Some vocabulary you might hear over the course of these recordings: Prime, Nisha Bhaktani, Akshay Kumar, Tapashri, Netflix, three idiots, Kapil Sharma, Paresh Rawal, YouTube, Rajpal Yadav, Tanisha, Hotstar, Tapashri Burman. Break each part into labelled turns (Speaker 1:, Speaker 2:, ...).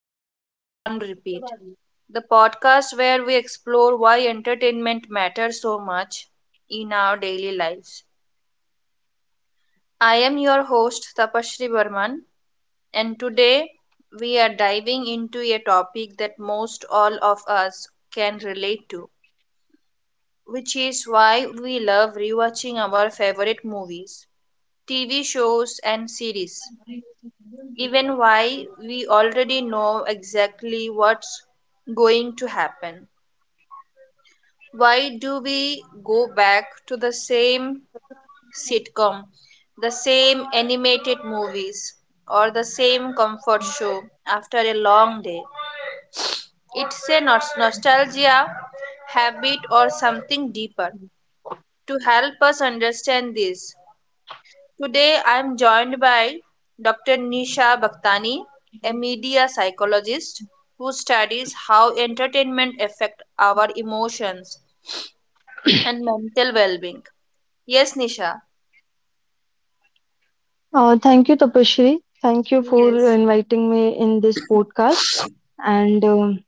Speaker 1: Comfort on Repeat, the podcast where we explore why entertainment matters so much in our daily lives. I am your host, Tapashri Burman, and today we are diving into a topic that most all of us can relate to, which is why we love rewatching our favorite movies, TV shows, and series. Even why we already know exactly what's going to happen. Why do we go back to the same sitcom, the same animated movies, or the same comfort show after a long day? It's a nostalgia, habit, or something deeper. To help us understand this, today I am joined by Dr. Nisha Bhaktani, a media psychologist who studies how entertainment affects our emotions and mental well-being. Yes, Nisha.
Speaker 2: Uh, Shri, thank you for
Speaker 1: Yes.
Speaker 2: inviting me in this podcast. And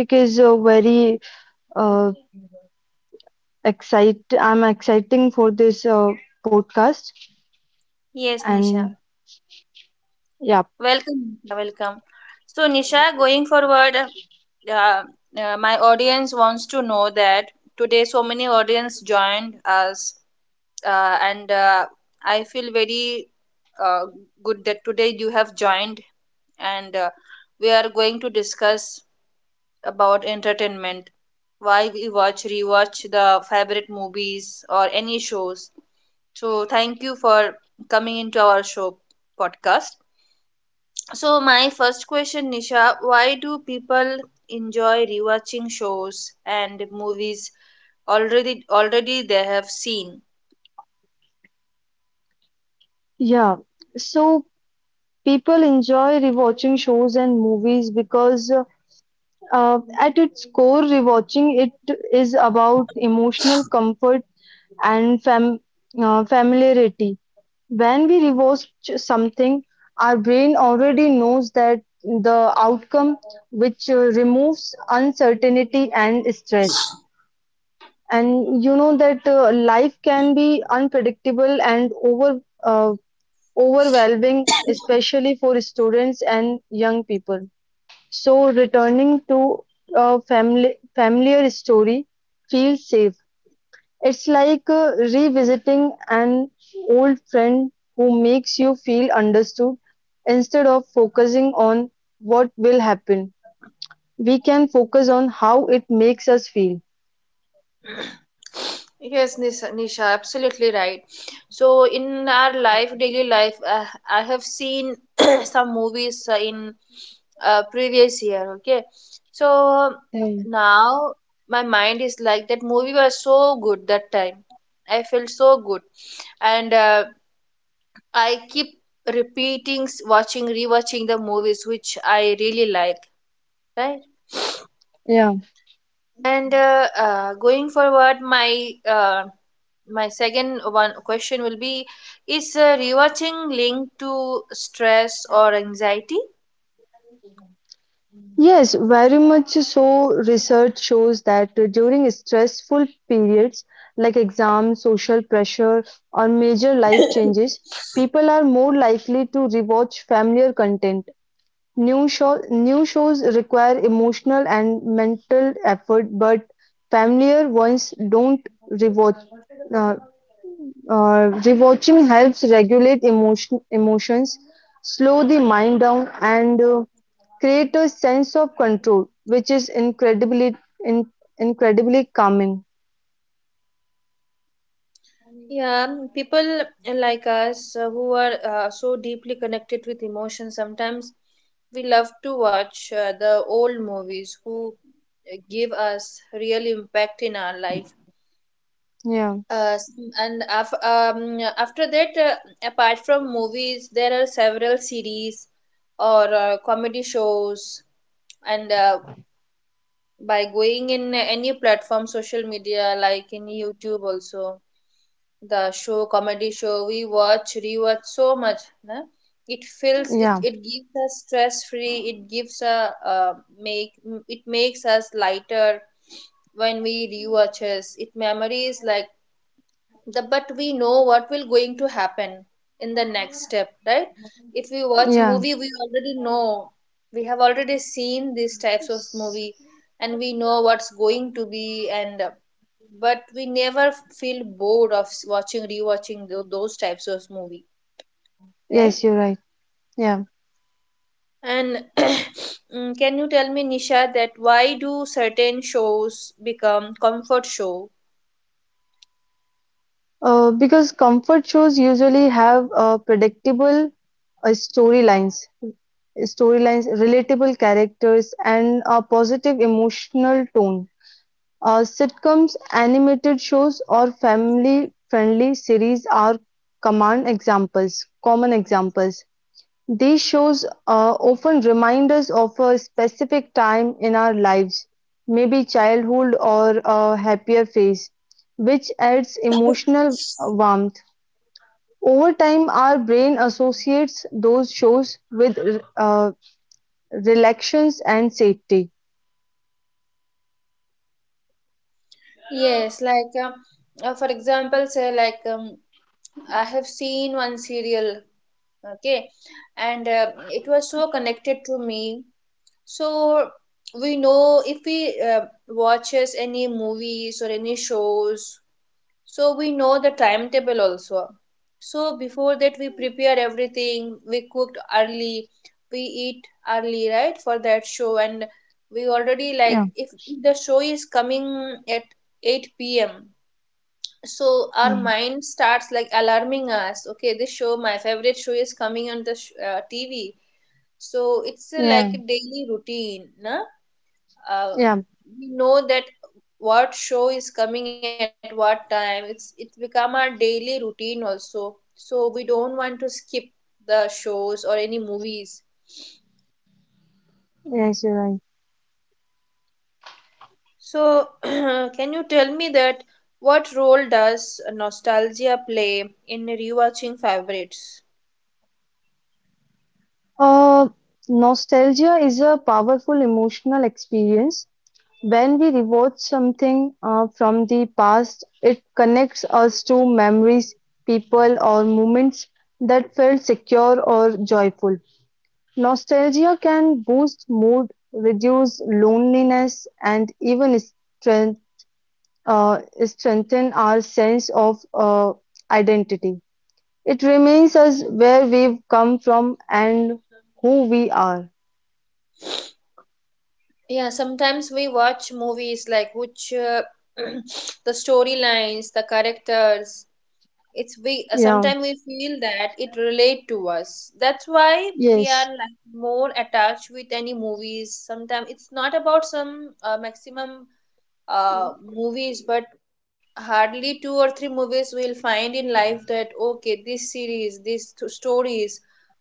Speaker 2: this is a very uh, excite. I'm exciting for this podcast.
Speaker 1: Yes,
Speaker 2: And
Speaker 1: Nisha.
Speaker 2: yeah,
Speaker 1: Welcome, Nisha. Welcome. So, Nisha, going forward, my audience wants to know that today so many audience joined us, and I feel very uh, good that today you have joined, and we are going to discuss about entertainment, why we watch, rewatch the favorite movies or any shows. So thank you for coming into our show, podcast. So my first question, Nisha, why do people enjoy rewatching shows and movies already they have seen?
Speaker 2: yeah. So people enjoy rewatching shows and movies because at its core, rewatching it is about emotional comfort and familiarity. When we rewatch something, our brain already knows that the outcome, which removes uncertainty and stress. And you know that life can be unpredictable and overwhelming, especially for students and young people. So returning to a family familiar story feels safe. It's like revisiting an old friend who makes you feel understood. Instead of focusing on what will happen, we can focus on how it makes us feel.
Speaker 1: Yes, Nisha, absolutely right. So in our life, daily life, I have seen some movies in previous year. Okay, so
Speaker 2: Yeah.
Speaker 1: now my mind is like, that movie was so good that time. I felt so good, and I keep repeating, watching, rewatching the movies which I really like. Right.
Speaker 2: Yeah.
Speaker 1: And Going forward, my second one question will be: is rewatching linked to stress or anxiety?
Speaker 2: Yes, very much so. Research shows that during stressful periods like exams, social pressure, or major life changes, people are more likely to rewatch familiar content. New shows require emotional and mental effort, but familiar ones don't. Rewatch, uh, rewatching helps regulate emotions, slow the mind down, and create a sense of control, which is in, incredibly calming.
Speaker 1: Yeah, people like us who are so deeply connected with emotion, sometimes we love to watch the old movies who give us real impact in our life.
Speaker 2: Yeah,
Speaker 1: uh, s- After that, apart from movies, there are several series or comedy shows, and by going in any platform, social media like in YouTube also, the show, comedy show, we watch, rewatch so much, na? It feels,
Speaker 2: yeah,
Speaker 1: it gives us stress free, it gives a make, it makes us lighter when we rewatches it, memories like the, but we know what will going to happen in the next step, right? If we watch
Speaker 2: yeah.
Speaker 1: movie, we already know, we have already seen these types of movie, and we know what's going to be, and but we never feel bored of watching, rewatching those types of movie, right?
Speaker 2: Yes, you're right. Yeah,
Speaker 1: And can you tell me, Nisha, that why do certain shows become comfort show?
Speaker 2: because comfort shows usually have predictable uh, storylines, storylines, relatable characters, and a positive emotional tone. Sitcoms, animated shows, or family-friendly series are common examples. These shows often remind us of a specific time in our lives, maybe childhood or a happier phase, which adds emotional warmth. Over time, our brain associates those shows with uh, relations and safety.
Speaker 1: Yes, like for example, say like, I have seen one serial, okay, and it was so connected to me. So we know if we watches any movies or any shows, so we know the timetable also. So before that, we prepare everything. We cooked early, we eat early, right, for that show, and we already
Speaker 2: Yeah.
Speaker 1: like, if the show is coming at 8 p.m., so our
Speaker 2: Mm.
Speaker 1: mind starts like alarming us, okay, this show, my favorite show is coming on the TV. So it's a, like
Speaker 2: Yeah,
Speaker 1: a daily routine, na? Uh,
Speaker 2: yeah,
Speaker 1: we know that what show is coming at what time. It's become our daily routine also, so we don't want to skip the shows or any movies.
Speaker 2: yes, you're right.
Speaker 1: So can you tell me that what role does nostalgia play in rewatching favorites?
Speaker 2: Uh, Nostalgia is a powerful emotional experience. When we rewatch something from the past, it connects us to memories, people, or moments that felt secure or joyful. Nostalgia can boost mood, reduce loneliness, and even uh, strengthen our sense of identity. It remains us where we've come from and who we are.
Speaker 1: Yeah, sometimes we watch movies like which the storylines, the characters. It's We
Speaker 2: Yeah,
Speaker 1: sometimes we feel that it relate to us. That's why we are
Speaker 2: yes,
Speaker 1: like more attached with any movies. Sometimes it's not about some maximum movies, but hardly two or three movies we'll find in life that okay, this series, these stories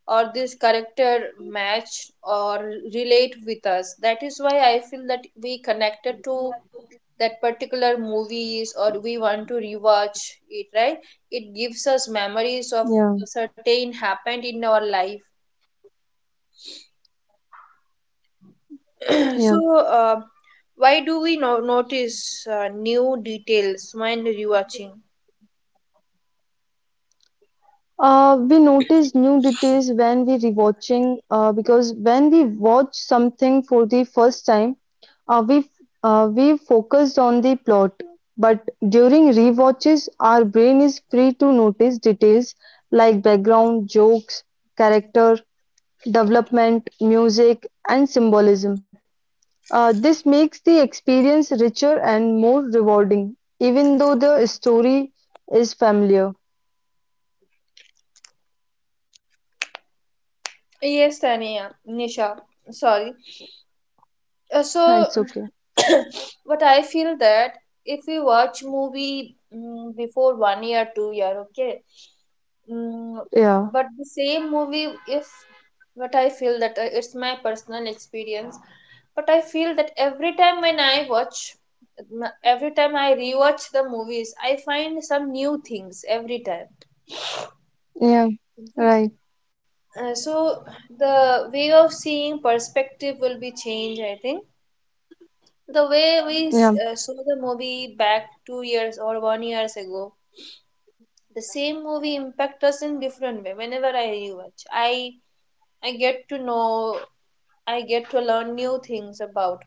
Speaker 1: or this character match or relate with us. That is why I feel that we connected to that particular movies, or we want to rewatch it, right? It gives us
Speaker 2: yeah,
Speaker 1: memories of certain happened in our life.
Speaker 2: yeah.
Speaker 1: So why do we notice new details when rewatching?
Speaker 2: We notice new details when we rewatching. Because when we watch something for the first time, uh, we we focused on the plot. But during rewatches, our brain is free to notice details like background, jokes, character development, music, and symbolism. This makes the experience richer and more rewarding, even though the story is familiar.
Speaker 1: Yes, tania Nisha, sorry. Uh,
Speaker 2: It's
Speaker 1: so
Speaker 2: okay.
Speaker 1: what I feel that, if we watch movie before 1 year, 2 year, okay, mm,
Speaker 2: Yeah,
Speaker 1: but the same movie if, what I feel that, it's my personal experience, but I feel that every time when I watch, every time I rewatch the movies, I find some new things every time.
Speaker 2: yeah,
Speaker 1: Mhm.
Speaker 2: right.
Speaker 1: So the way of seeing perspective will be changed, I think. The way we
Speaker 2: Yeah,
Speaker 1: saw the movie back 2 years or 1 years ago, the same movie impact us in different way. Whenever I rewatch, I get to know, I get to learn new things about.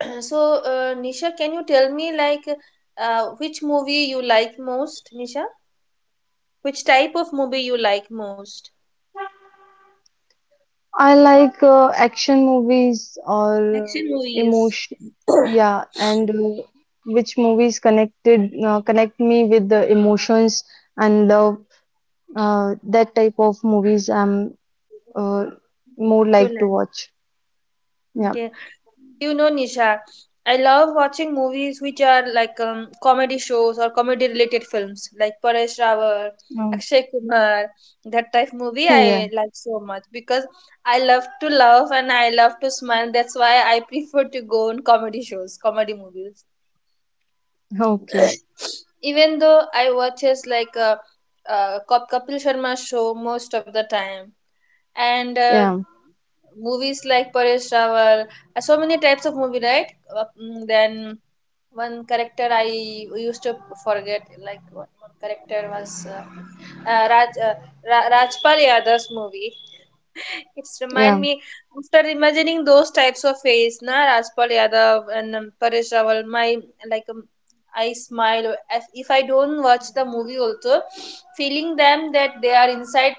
Speaker 1: So, Nisha, can you tell me like which movie you like most, Nisha? Which type of movie you like most?
Speaker 2: I like action movies or
Speaker 1: Action movies
Speaker 2: emotion. Yeah, and which movies connect me with the emotions and love. That type of movies I'm uh, more
Speaker 1: you
Speaker 2: like to
Speaker 1: like.
Speaker 2: watch. Yeah.
Speaker 1: Okay. You know, Nisha, I love watching movies which are like comedy shows or comedy related films, like Paresh Rawal,
Speaker 2: Um,
Speaker 1: Akshay Kumar, that type movie
Speaker 2: yeah.
Speaker 1: I like so much because I love to laugh and I love to smile. That's why I prefer to go on comedy shows, comedy movies.
Speaker 2: Okay.
Speaker 1: Even though I watches like a, Kapil Sharma show most of the time, and
Speaker 2: Yeah.
Speaker 1: movies like Paresh Rawal, so many types of movie, right? Then one character I used to forget, like one character was Rajpal Yadav's movie. It's remind
Speaker 2: Yeah.
Speaker 1: me after imagining those types of face, na, Rajpal Yadav and Paresh Rawal, my like I smile if I don't watch the movie also, feeling them that they are inside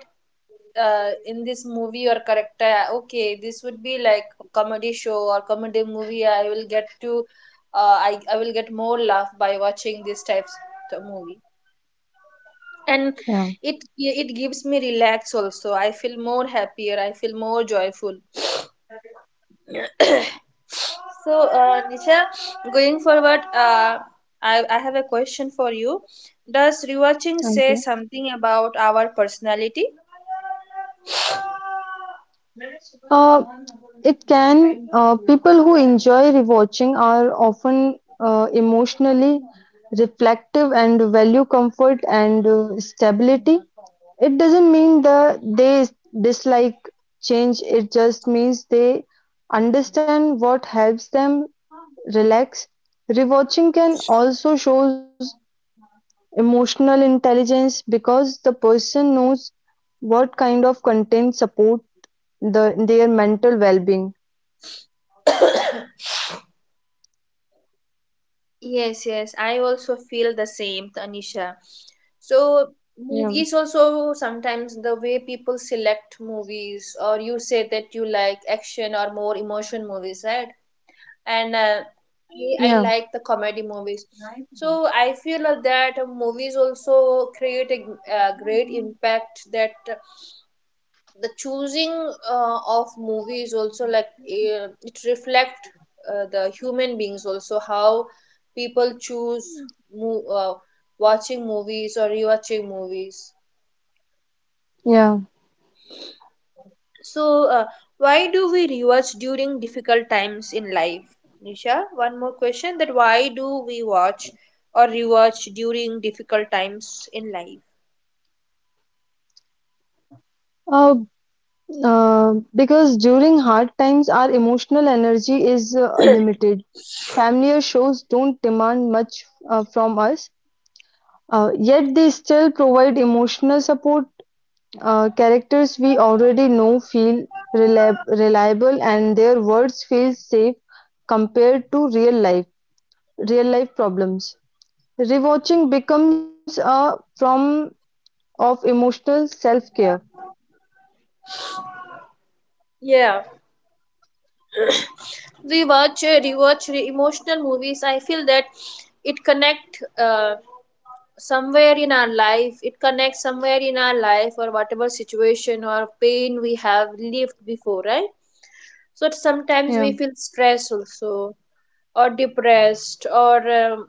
Speaker 1: in this movie or character. Okay, this would be like a comedy show or comedy movie, I will get to uh, I will get more laugh by watching these types of movie, and
Speaker 2: Yeah.
Speaker 1: it gives me relax also, I feel more happier, I feel more joyful. So Nisha, going forward, I have a question for you: does rewatching say
Speaker 2: Okay.
Speaker 1: something about our personality?
Speaker 2: Uh, it can, people who enjoy rewatching are often emotionally reflective and value comfort and stability. It doesn't mean that they dislike change, it just means they understand what helps them relax. Rewatching can also shows emotional intelligence because the person knows what kind of content support their mental well-being.
Speaker 1: Yes, yes, I also feel the same, Tanisha. So,
Speaker 2: Yeah,
Speaker 1: movies also, sometimes the way people select movies, or you say that you like action or more emotion movies, right? And
Speaker 2: yeah,
Speaker 1: uh, I, I like the comedy movies. So, I feel that movies also create a great impact, that the choosing of movies also, like it reflect the human beings also, how people choose mo- uh, watching movies or rewatching movies.
Speaker 2: yeah.
Speaker 1: So, uh, why do we rewatch during difficult times in life? Nisha, one more question, that why do we watch or rewatch during difficult times in life?
Speaker 2: Uh, because during hard times, our emotional energy is limited. Familiar shows don't demand much from us, yet they still provide emotional support. Characters we already know feel reliable, and their words feel safe compared to real life problems. Rewatching becomes a form of emotional self-care.
Speaker 1: Yeah, we watch, emotional movies. I feel that it connect somewhere in our life, it connects somewhere in our life, or whatever situation or pain we have lived before, right? So
Speaker 2: Yeah,
Speaker 1: sometimes we feel stress also, or depressed, or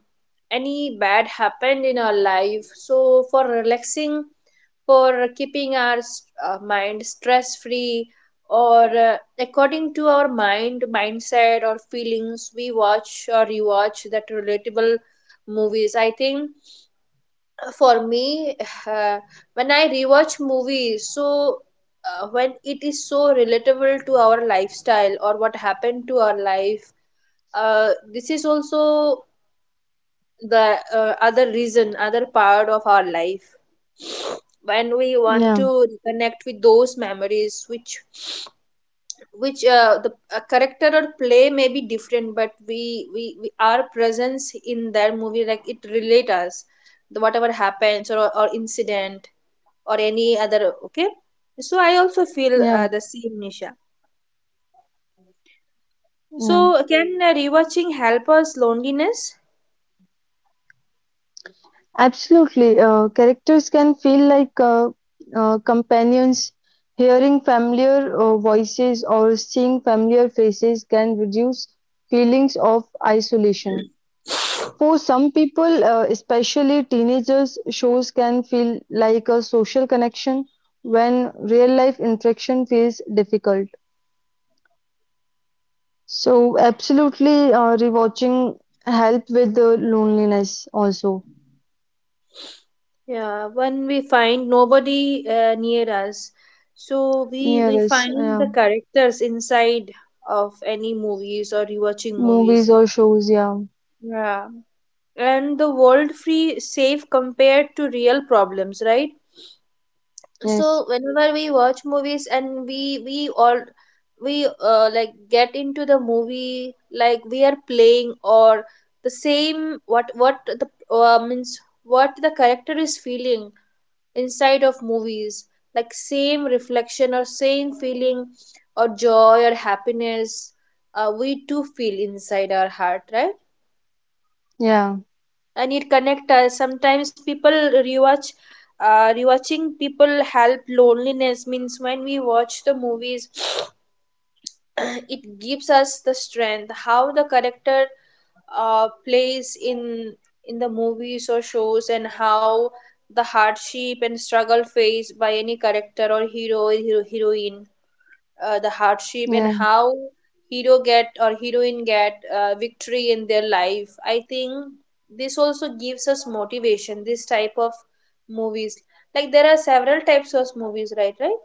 Speaker 1: any bad happened in our life, so for relaxing, for keeping our mind stress free, or according to our mind, mindset or feelings, we watch or rewatch that relatable movies, I think. For me uh, when I rewatch movies, so when it is so relatable to our lifestyle or what happened to our life, this is also the other reason, other part of our life. When we
Speaker 2: yeah,
Speaker 1: want to reconnect with those memories which the a character or play may be different, but we our presence in that movie, like it relate us, the whatever happens, or incident or any other, okay. So I also feel
Speaker 2: yeah.
Speaker 1: the same, Nisha.
Speaker 2: Yeah,
Speaker 1: So can rewatching help us loneliness?
Speaker 2: absolutely. Characters can feel like companions. Hearing familiar voices or seeing familiar faces can reduce feelings of isolation. For some people, especially teenagers, shows can feel like a social connection when real life interaction feels difficult. So, absolutely, rewatching help with the loneliness also.
Speaker 1: Yeah, when we find nobody near us, so we
Speaker 2: Near
Speaker 1: we
Speaker 2: us,
Speaker 1: find
Speaker 2: yeah.
Speaker 1: the characters inside of any movies or rewatching movies.
Speaker 2: Movies or shows, yeah.
Speaker 1: Yeah, and the world free safe compared to real problems, right?
Speaker 2: Yes.
Speaker 1: So whenever we watch movies, and we all we like get into the movie like we are playing or the same uh, means what the character is feeling inside of movies, like same reflection or same feeling or joy or happiness, we too feel inside our heart, right?
Speaker 2: Yeah.
Speaker 1: And it connect us. Sometimes people rewatching people help loneliness means when we watch the movies, it gives us the strength how the character plays in the movies or shows, and how the hardship and struggle faced by any character or heroine, the hardship,
Speaker 2: Yeah.
Speaker 1: and how hero get or heroine get victory in their life. I think this also gives us motivation, this type of movies. Like there are several types of movies, right?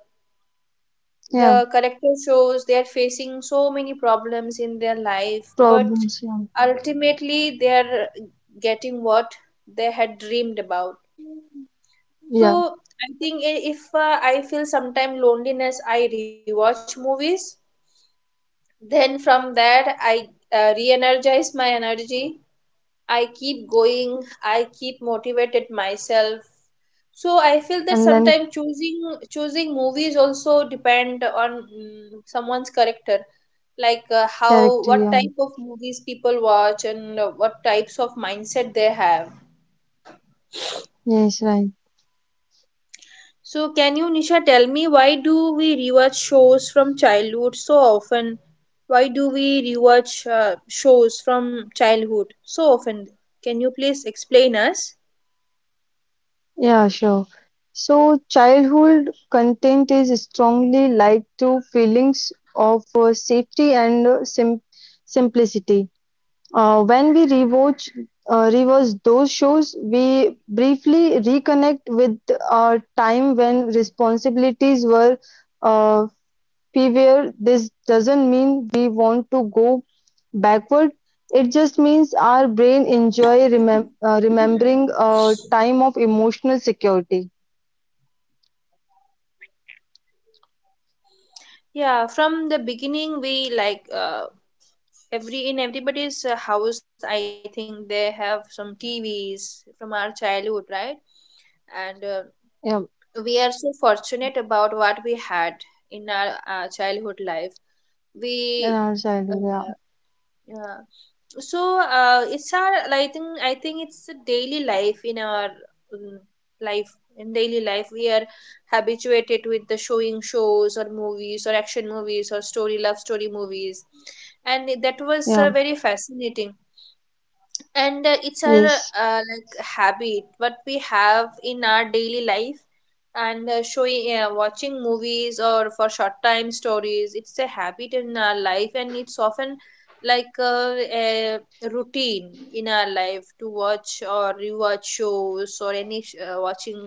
Speaker 2: Yeah.
Speaker 1: The character shows they are facing so many problems in their life, but
Speaker 2: Problems, yeah.
Speaker 1: ultimately they are getting what they had dreamed about.
Speaker 2: Yeah.
Speaker 1: So I think if I feel sometime loneliness, I rewatch movies, then from there I re-energize my energy, I keep going, I keep motivated myself. So I feel that
Speaker 2: And then
Speaker 1: sometimes choosing movies also depend on someone's character, like how
Speaker 2: character,
Speaker 1: what
Speaker 2: yeah.
Speaker 1: type of movies people watch, and what types of mindset they have.
Speaker 2: Yes, right.
Speaker 1: So can you, Nisha, tell me why do we rewatch shows from childhood so often? Why do we rewatch shows from childhood so often? Can you please explain us?
Speaker 2: Yeah, sure. So childhood content is strongly linked to feelings of safety and simplicity. When we rewatch those shows, we briefly reconnect with our time when responsibilities were uh, beware, this doesn't mean we want to go backward, it just means our brain enjoy remembering a time of emotional security.
Speaker 1: Yeah, from the beginning we like every in everybody's house, I think, they have some tvs from our childhood, right? And
Speaker 2: Yeah,
Speaker 1: we are so fortunate about what we had in our childhood life.
Speaker 2: in
Speaker 1: We
Speaker 2: our
Speaker 1: uh,
Speaker 2: childhood,
Speaker 1: yeah. So it's our, I think it's a daily life in our life. In daily life we are habituated with the showing shows or movies or action movies or story love story movies, and that was
Speaker 2: yeah, yeah,
Speaker 1: very fascinating. And it's our
Speaker 2: yes.
Speaker 1: like habit what we have in our daily life. And showing watching movies or for short time stories, it's a habit in our life, and it's often like a routine in our life to watch or rewatch shows or watching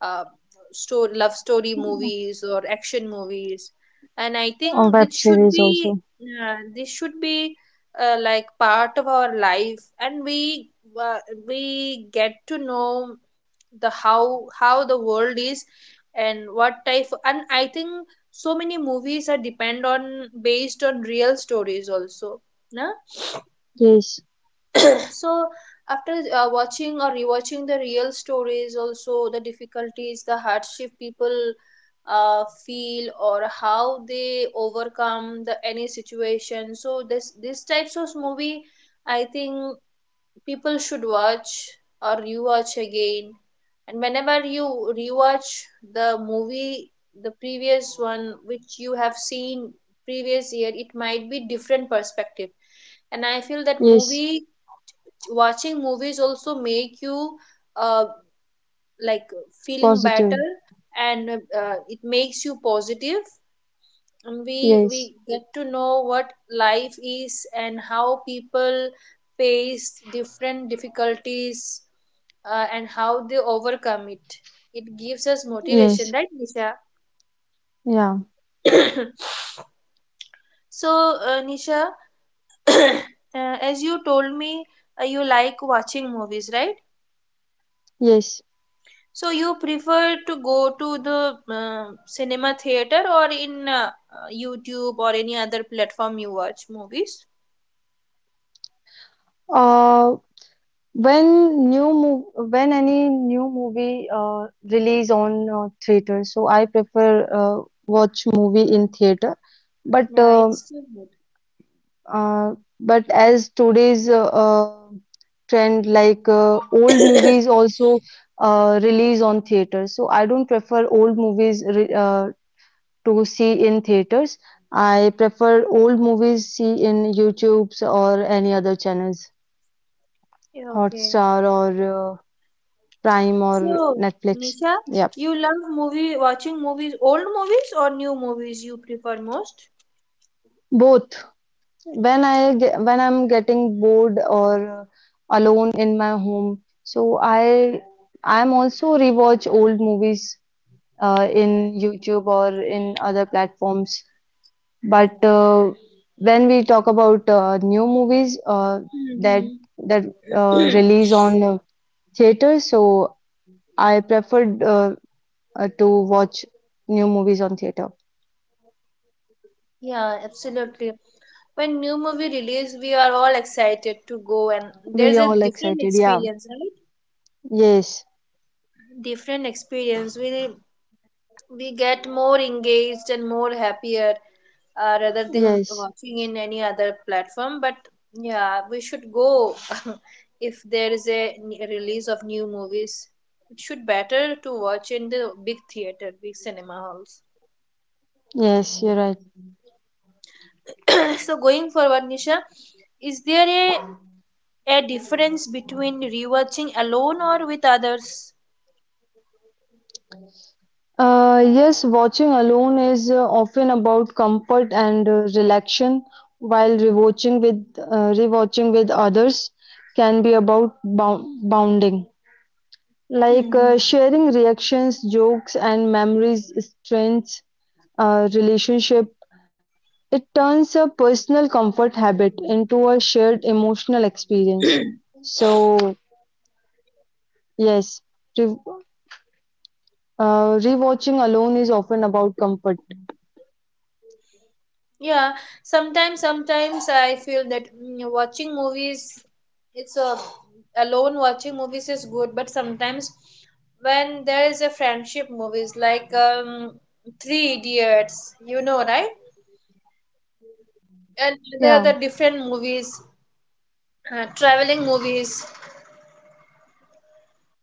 Speaker 1: uh, love story movies or action movies. And I think
Speaker 2: A web
Speaker 1: this should
Speaker 2: series
Speaker 1: be,
Speaker 2: also.
Speaker 1: this should be like part of our life. And uh, we get to know the how the world is and what type. And I think so many movies are depend on based on real stories also, na?
Speaker 2: Yes,
Speaker 1: So after watching or rewatching the real stories also, the difficulties, the hardship people feel, or how they overcome the any situation. So this these types of movie, I think, people should watch or rewatch again. And whenever you rewatch the movie, the previous one which you have seen previous year, it might be different perspective. And I feel that
Speaker 2: yes,
Speaker 1: movie watching movies also make you uh, like feeling
Speaker 2: positive.
Speaker 1: better. And it makes you positive. And we
Speaker 2: Yes,
Speaker 1: get to know what life is and how people face different difficulties, and how they overcome it. It gives us
Speaker 2: yes,
Speaker 1: motivation, right, Nisha?
Speaker 2: yeah,
Speaker 1: So Nisha, uh, as you told me, you like watching movies, right?
Speaker 2: yes.
Speaker 1: So you prefer to go to the cinema theater, or in YouTube or any other platform you watch movies?
Speaker 2: Uh, When new mov when any new movie release on theater, so I prefer watch movie in theater. But
Speaker 1: Yeah,
Speaker 2: uh,
Speaker 1: it's still good.
Speaker 2: uh, but as today's trend, like old movies also release on theater, so I don't prefer old movies re to see in theaters. I prefer old movies see in YouTube's or any other channels,
Speaker 1: Yeah, okay.
Speaker 2: Hotstar or uh, Prime or
Speaker 1: So,
Speaker 2: Netflix.
Speaker 1: Nisha,
Speaker 2: Yeah,
Speaker 1: you love movie watching movies, old movies or new movies you prefer most?
Speaker 2: both. When I when I'm getting bored or alone in my home, so I I'm also rewatch old movies in YouTube or in other platforms. But when we talk about new movies that
Speaker 1: Mm-hmm.
Speaker 2: that release on theater, so I preferred to watch new movies on theater.
Speaker 1: Yeah, absolutely. When new movie release, we are all excited to go, and
Speaker 2: We
Speaker 1: there's a
Speaker 2: all
Speaker 1: different
Speaker 2: excited, yeah.
Speaker 1: experience, right?
Speaker 2: Yes.
Speaker 1: Different experience. We get more engaged and more happier, rather than
Speaker 2: Yes,
Speaker 1: watching in any other platform, but yeah, we should go. If there is a release of new movies, it should better to watch in the big theater, big cinema halls.
Speaker 2: yes, you're right.
Speaker 1: So going forward, Nisha, is there a difference between rewatching alone or with others?
Speaker 2: Yes, watching alone is often about comfort and relaxation, while rewatching with others can be about bounding, like
Speaker 1: Mhm.
Speaker 2: sharing reactions, jokes, and memories strengths relationship. It turns a personal comfort habit into a shared emotional experience. So yes, re- rewatching alone is often about comfort.
Speaker 1: Yeah, sometimes I feel that watching movies, it's a, alone watching movies is good, but sometimes when there is a friendship movies like Three Idiots, you know, right? And
Speaker 2: Yeah,
Speaker 1: the different movies, traveling movies,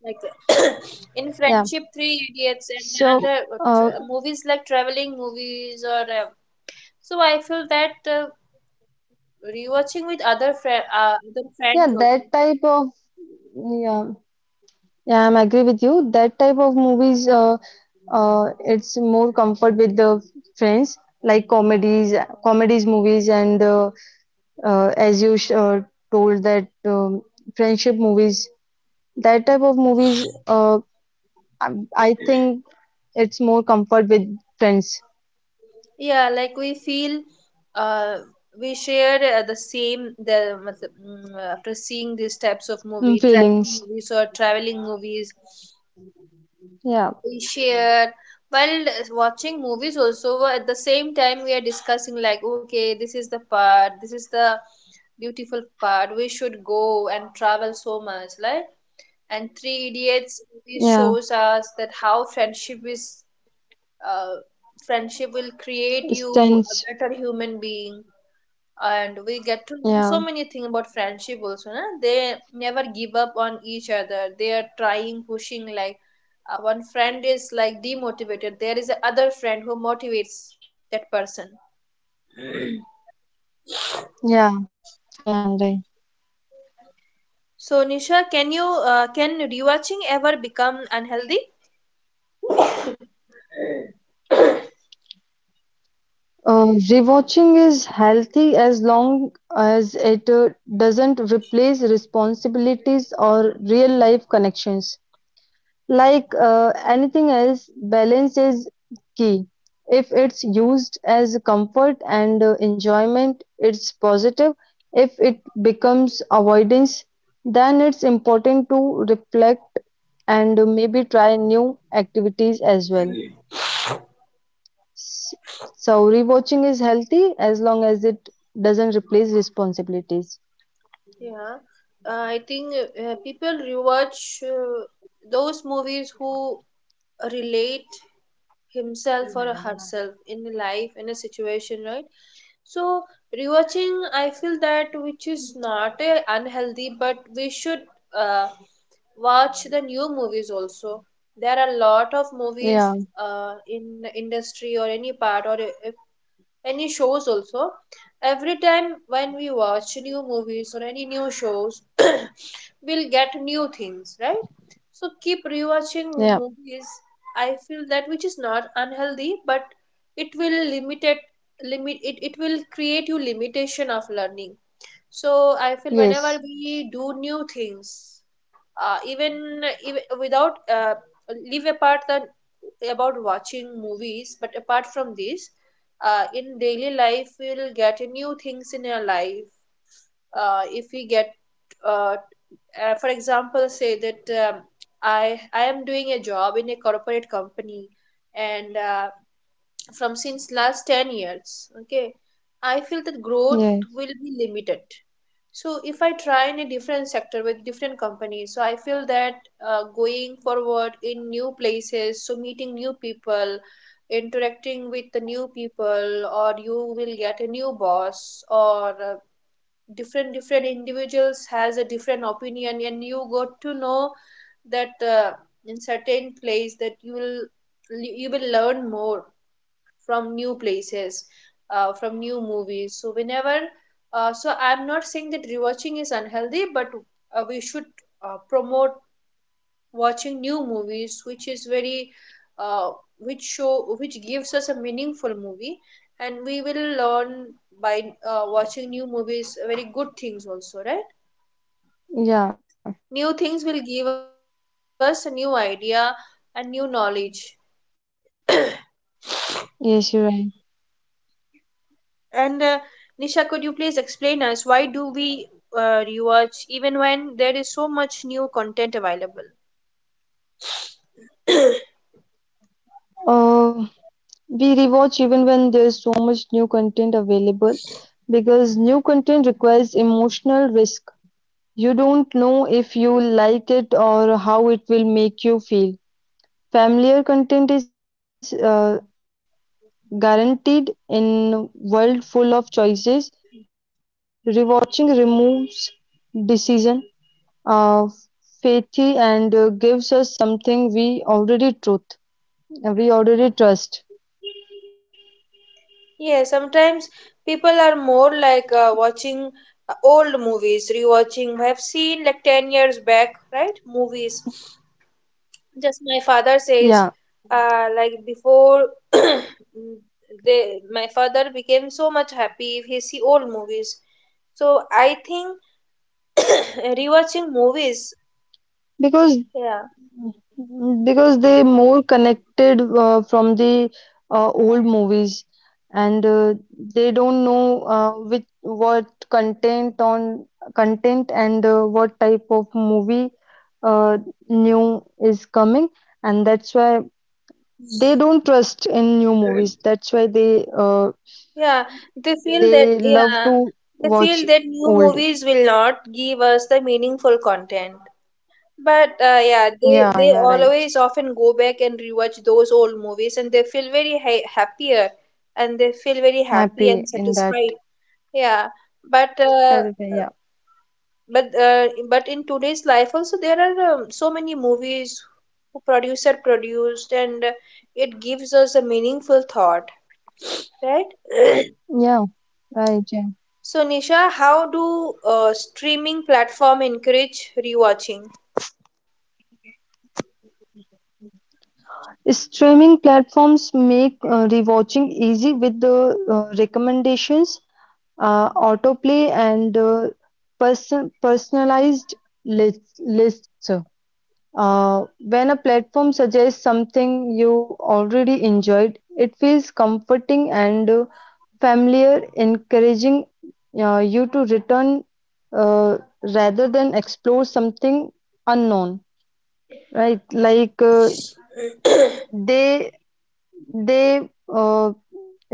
Speaker 1: like
Speaker 2: yeah.
Speaker 1: in friendship, Three
Speaker 2: So,
Speaker 1: Idiots, and
Speaker 2: uh,
Speaker 1: other movies like traveling movies or so I feel that rewatching with other other
Speaker 2: yeah,
Speaker 1: friends also.
Speaker 2: that type of yeah, yeah, I'm agree with you. That type of movies, it's more comfort with the friends, like comedies movies, and as you sh told that friendship movies. That type of movies, I, I think it's more comfort with friends,
Speaker 1: Yeah, like we feel uh, we share the same, the matlab, after seeing these types of
Speaker 2: mm,
Speaker 1: movie, tracking
Speaker 2: feelings.
Speaker 1: movies or traveling movies,
Speaker 2: Yeah,
Speaker 1: we share while watching movies also, at the same time we are discussing like okay, this is the part, this is the beautiful part, we should go and travel so much like. And Three Idiots movie
Speaker 2: yeah,
Speaker 1: shows us that how friendship is, uh, friendship will create you a better
Speaker 2: stands.
Speaker 1: human being. And we get to learn so many
Speaker 2: Yeah,
Speaker 1: things about friendship also, na? They never give up on each other, they are trying, pushing, like one friend is like demotivated, there is another friend who motivates that person.
Speaker 2: yeah, yeah. Right.
Speaker 1: So Nisha, can you can rewatching ever become unhealthy?
Speaker 2: Rewatching is healthy as long as it doesn't replace responsibilities or real life connections. Like anything else, balance is key. If it's used as comfort and enjoyment, it's positive. If it becomes avoidance, then it's important to reflect and maybe try new activities as well. So rewatching is healthy as long as it doesn't replace responsibilities.
Speaker 1: Yeah, I think people rewatch those movies who relate himself or herself in life in a situation, right? So rewatching, I feel that which is not a unhealthy, but we should uh, watch the new movies also. There are a lot of movies
Speaker 2: Yeah,
Speaker 1: in the industry, or any part, or any shows also. Every time when we watch new movies or any new shows, we'll get new things, right? So keep rewatching
Speaker 2: yeah,
Speaker 1: movies, I feel that which is not unhealthy, but it will limit it, it will create you limitation of learning. So I feel whenever
Speaker 2: yes.
Speaker 1: we do new things, even without leave apart the about watching movies, but apart from this, in daily life we will get new things in our life. If we get uh, for example, say that I am doing a job in a corporate company, and from since last 10 years, okay, I feel that growth will be
Speaker 2: Yes.
Speaker 1: limited. So if I try in a different sector with different companies, so I feel that going forward in new places, so meeting new people, interacting with the new people, or you will get a new boss, or different individuals has a different opinion, and you got to know that in certain place that you will learn more from new places, from new movies. So whenever so I'm not saying that rewatching is unhealthy, but we should promote watching new movies, which is very uh, which show which gives us a meaningful movie. And we will learn by watching new movies very good things also, right?
Speaker 2: Yeah.
Speaker 1: New things will give us a new idea and new knowledge.
Speaker 2: Yes, you're right.
Speaker 1: And Nisha, could you please explain us why do we rewatch even when there is so much new content available?
Speaker 2: Uh, we rewatch even when there's so much new content available because new content requires emotional risk. You don't know if you like it or how it will make you feel. Familiar content is guaranteed in a world full of choices, rewatching removes decision uh, fatigue and gives us something we already trust.
Speaker 1: Yeah, sometimes people are more like watching old movies, rewatching. I have seen like 10 years back, right? Movies. Just my
Speaker 2: Yeah,
Speaker 1: father says, like before they, my father became so much happy if he see old movies. So I think rewatching movies,
Speaker 2: because
Speaker 1: yeah.
Speaker 2: because they more connected from the old movies and they don't know which what content on content and what type of movie uh, new is coming, and that's why they don't trust in new movies. That's why
Speaker 1: Yeah, they feel
Speaker 2: they
Speaker 1: that,
Speaker 2: love
Speaker 1: yeah,
Speaker 2: to
Speaker 1: they
Speaker 2: watch
Speaker 1: feel that new
Speaker 2: old.
Speaker 1: movies will not give us the meaningful content. But yeah,
Speaker 2: Yeah,
Speaker 1: they
Speaker 2: yeah, right.
Speaker 1: always often go back and rewatch those old movies, and they feel very ha happier, and they feel very happy and
Speaker 2: Happy in
Speaker 1: satisfied.
Speaker 2: that.
Speaker 1: Yeah, but uh,
Speaker 2: Satisfied, yeah,
Speaker 1: but in today's life also there are so many movies who producer produced, and it gives us a meaningful thought, right?
Speaker 2: yeah, right, yeah.
Speaker 1: So Nisha, how do streaming platform encourage rewatching?
Speaker 2: Streaming platforms make rewatching easy with the recommendations, autoplay, and personalized lists. When a platform suggests something you already enjoyed, it feels comforting and familiar, encouraging you to return rather than explore something unknown, right? Like they they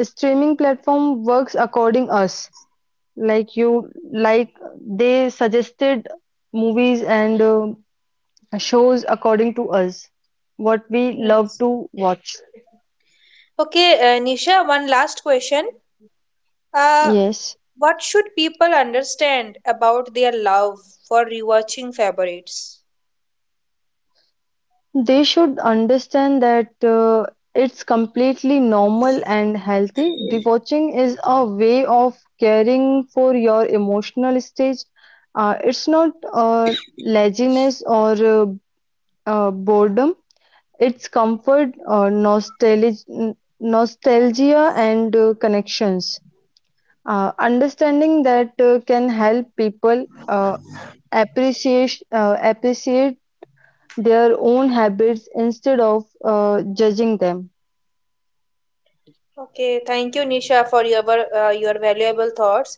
Speaker 2: streaming platform works according us, like you like they suggested movies and shows according to us what we love
Speaker 1: Yes.
Speaker 2: to watch.
Speaker 1: Okay, Nisha, one last question. Uh,
Speaker 2: Yes,
Speaker 1: what should people understand about their love for rewatching favorites?
Speaker 2: they should understand that it's completely normal and healthy. Rewatching is a way of caring for your emotional stage. It's not laziness or boredom. It's comfort, nostalgia and connections. Understanding that can help people appreciate their own habits instead of judging them.
Speaker 1: Okay, thank you, Nisha, for your valuable thoughts.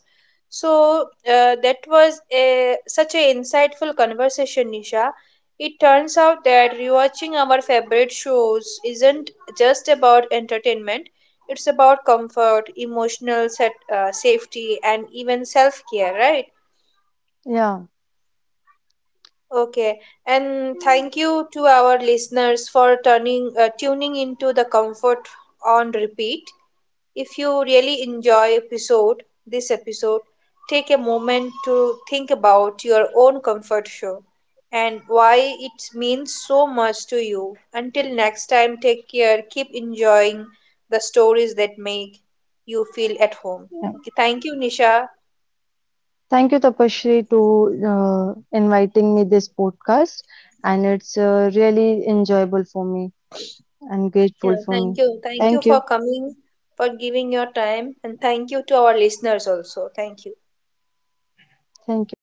Speaker 1: So that was a, such an insightful conversation, Nisha. It turns out that rewatching our favorite shows isn't just about entertainment. It's about comfort, emotional set, safety, and even self-care, right?
Speaker 2: Yeah.
Speaker 1: Okay, and thank you to our listeners for turning tuning into the comfort on repeat. If you really enjoy episode this episode, take a moment to think about your own comfort show and why it means so much to you. Until next time, take care. Keep enjoying the stories that make you feel at home.
Speaker 2: Yeah.
Speaker 1: Okay, thank you, Nisha.
Speaker 2: Thank you, Tapashri, to inviting me this podcast, and it's really enjoyable for me and grateful
Speaker 1: Yeah,
Speaker 2: for
Speaker 1: thank
Speaker 2: me.
Speaker 1: you. Thank you
Speaker 2: Thank
Speaker 1: for
Speaker 2: you.
Speaker 1: coming, for giving your time, and thank you to our listeners also. Thank you.
Speaker 2: Thank you.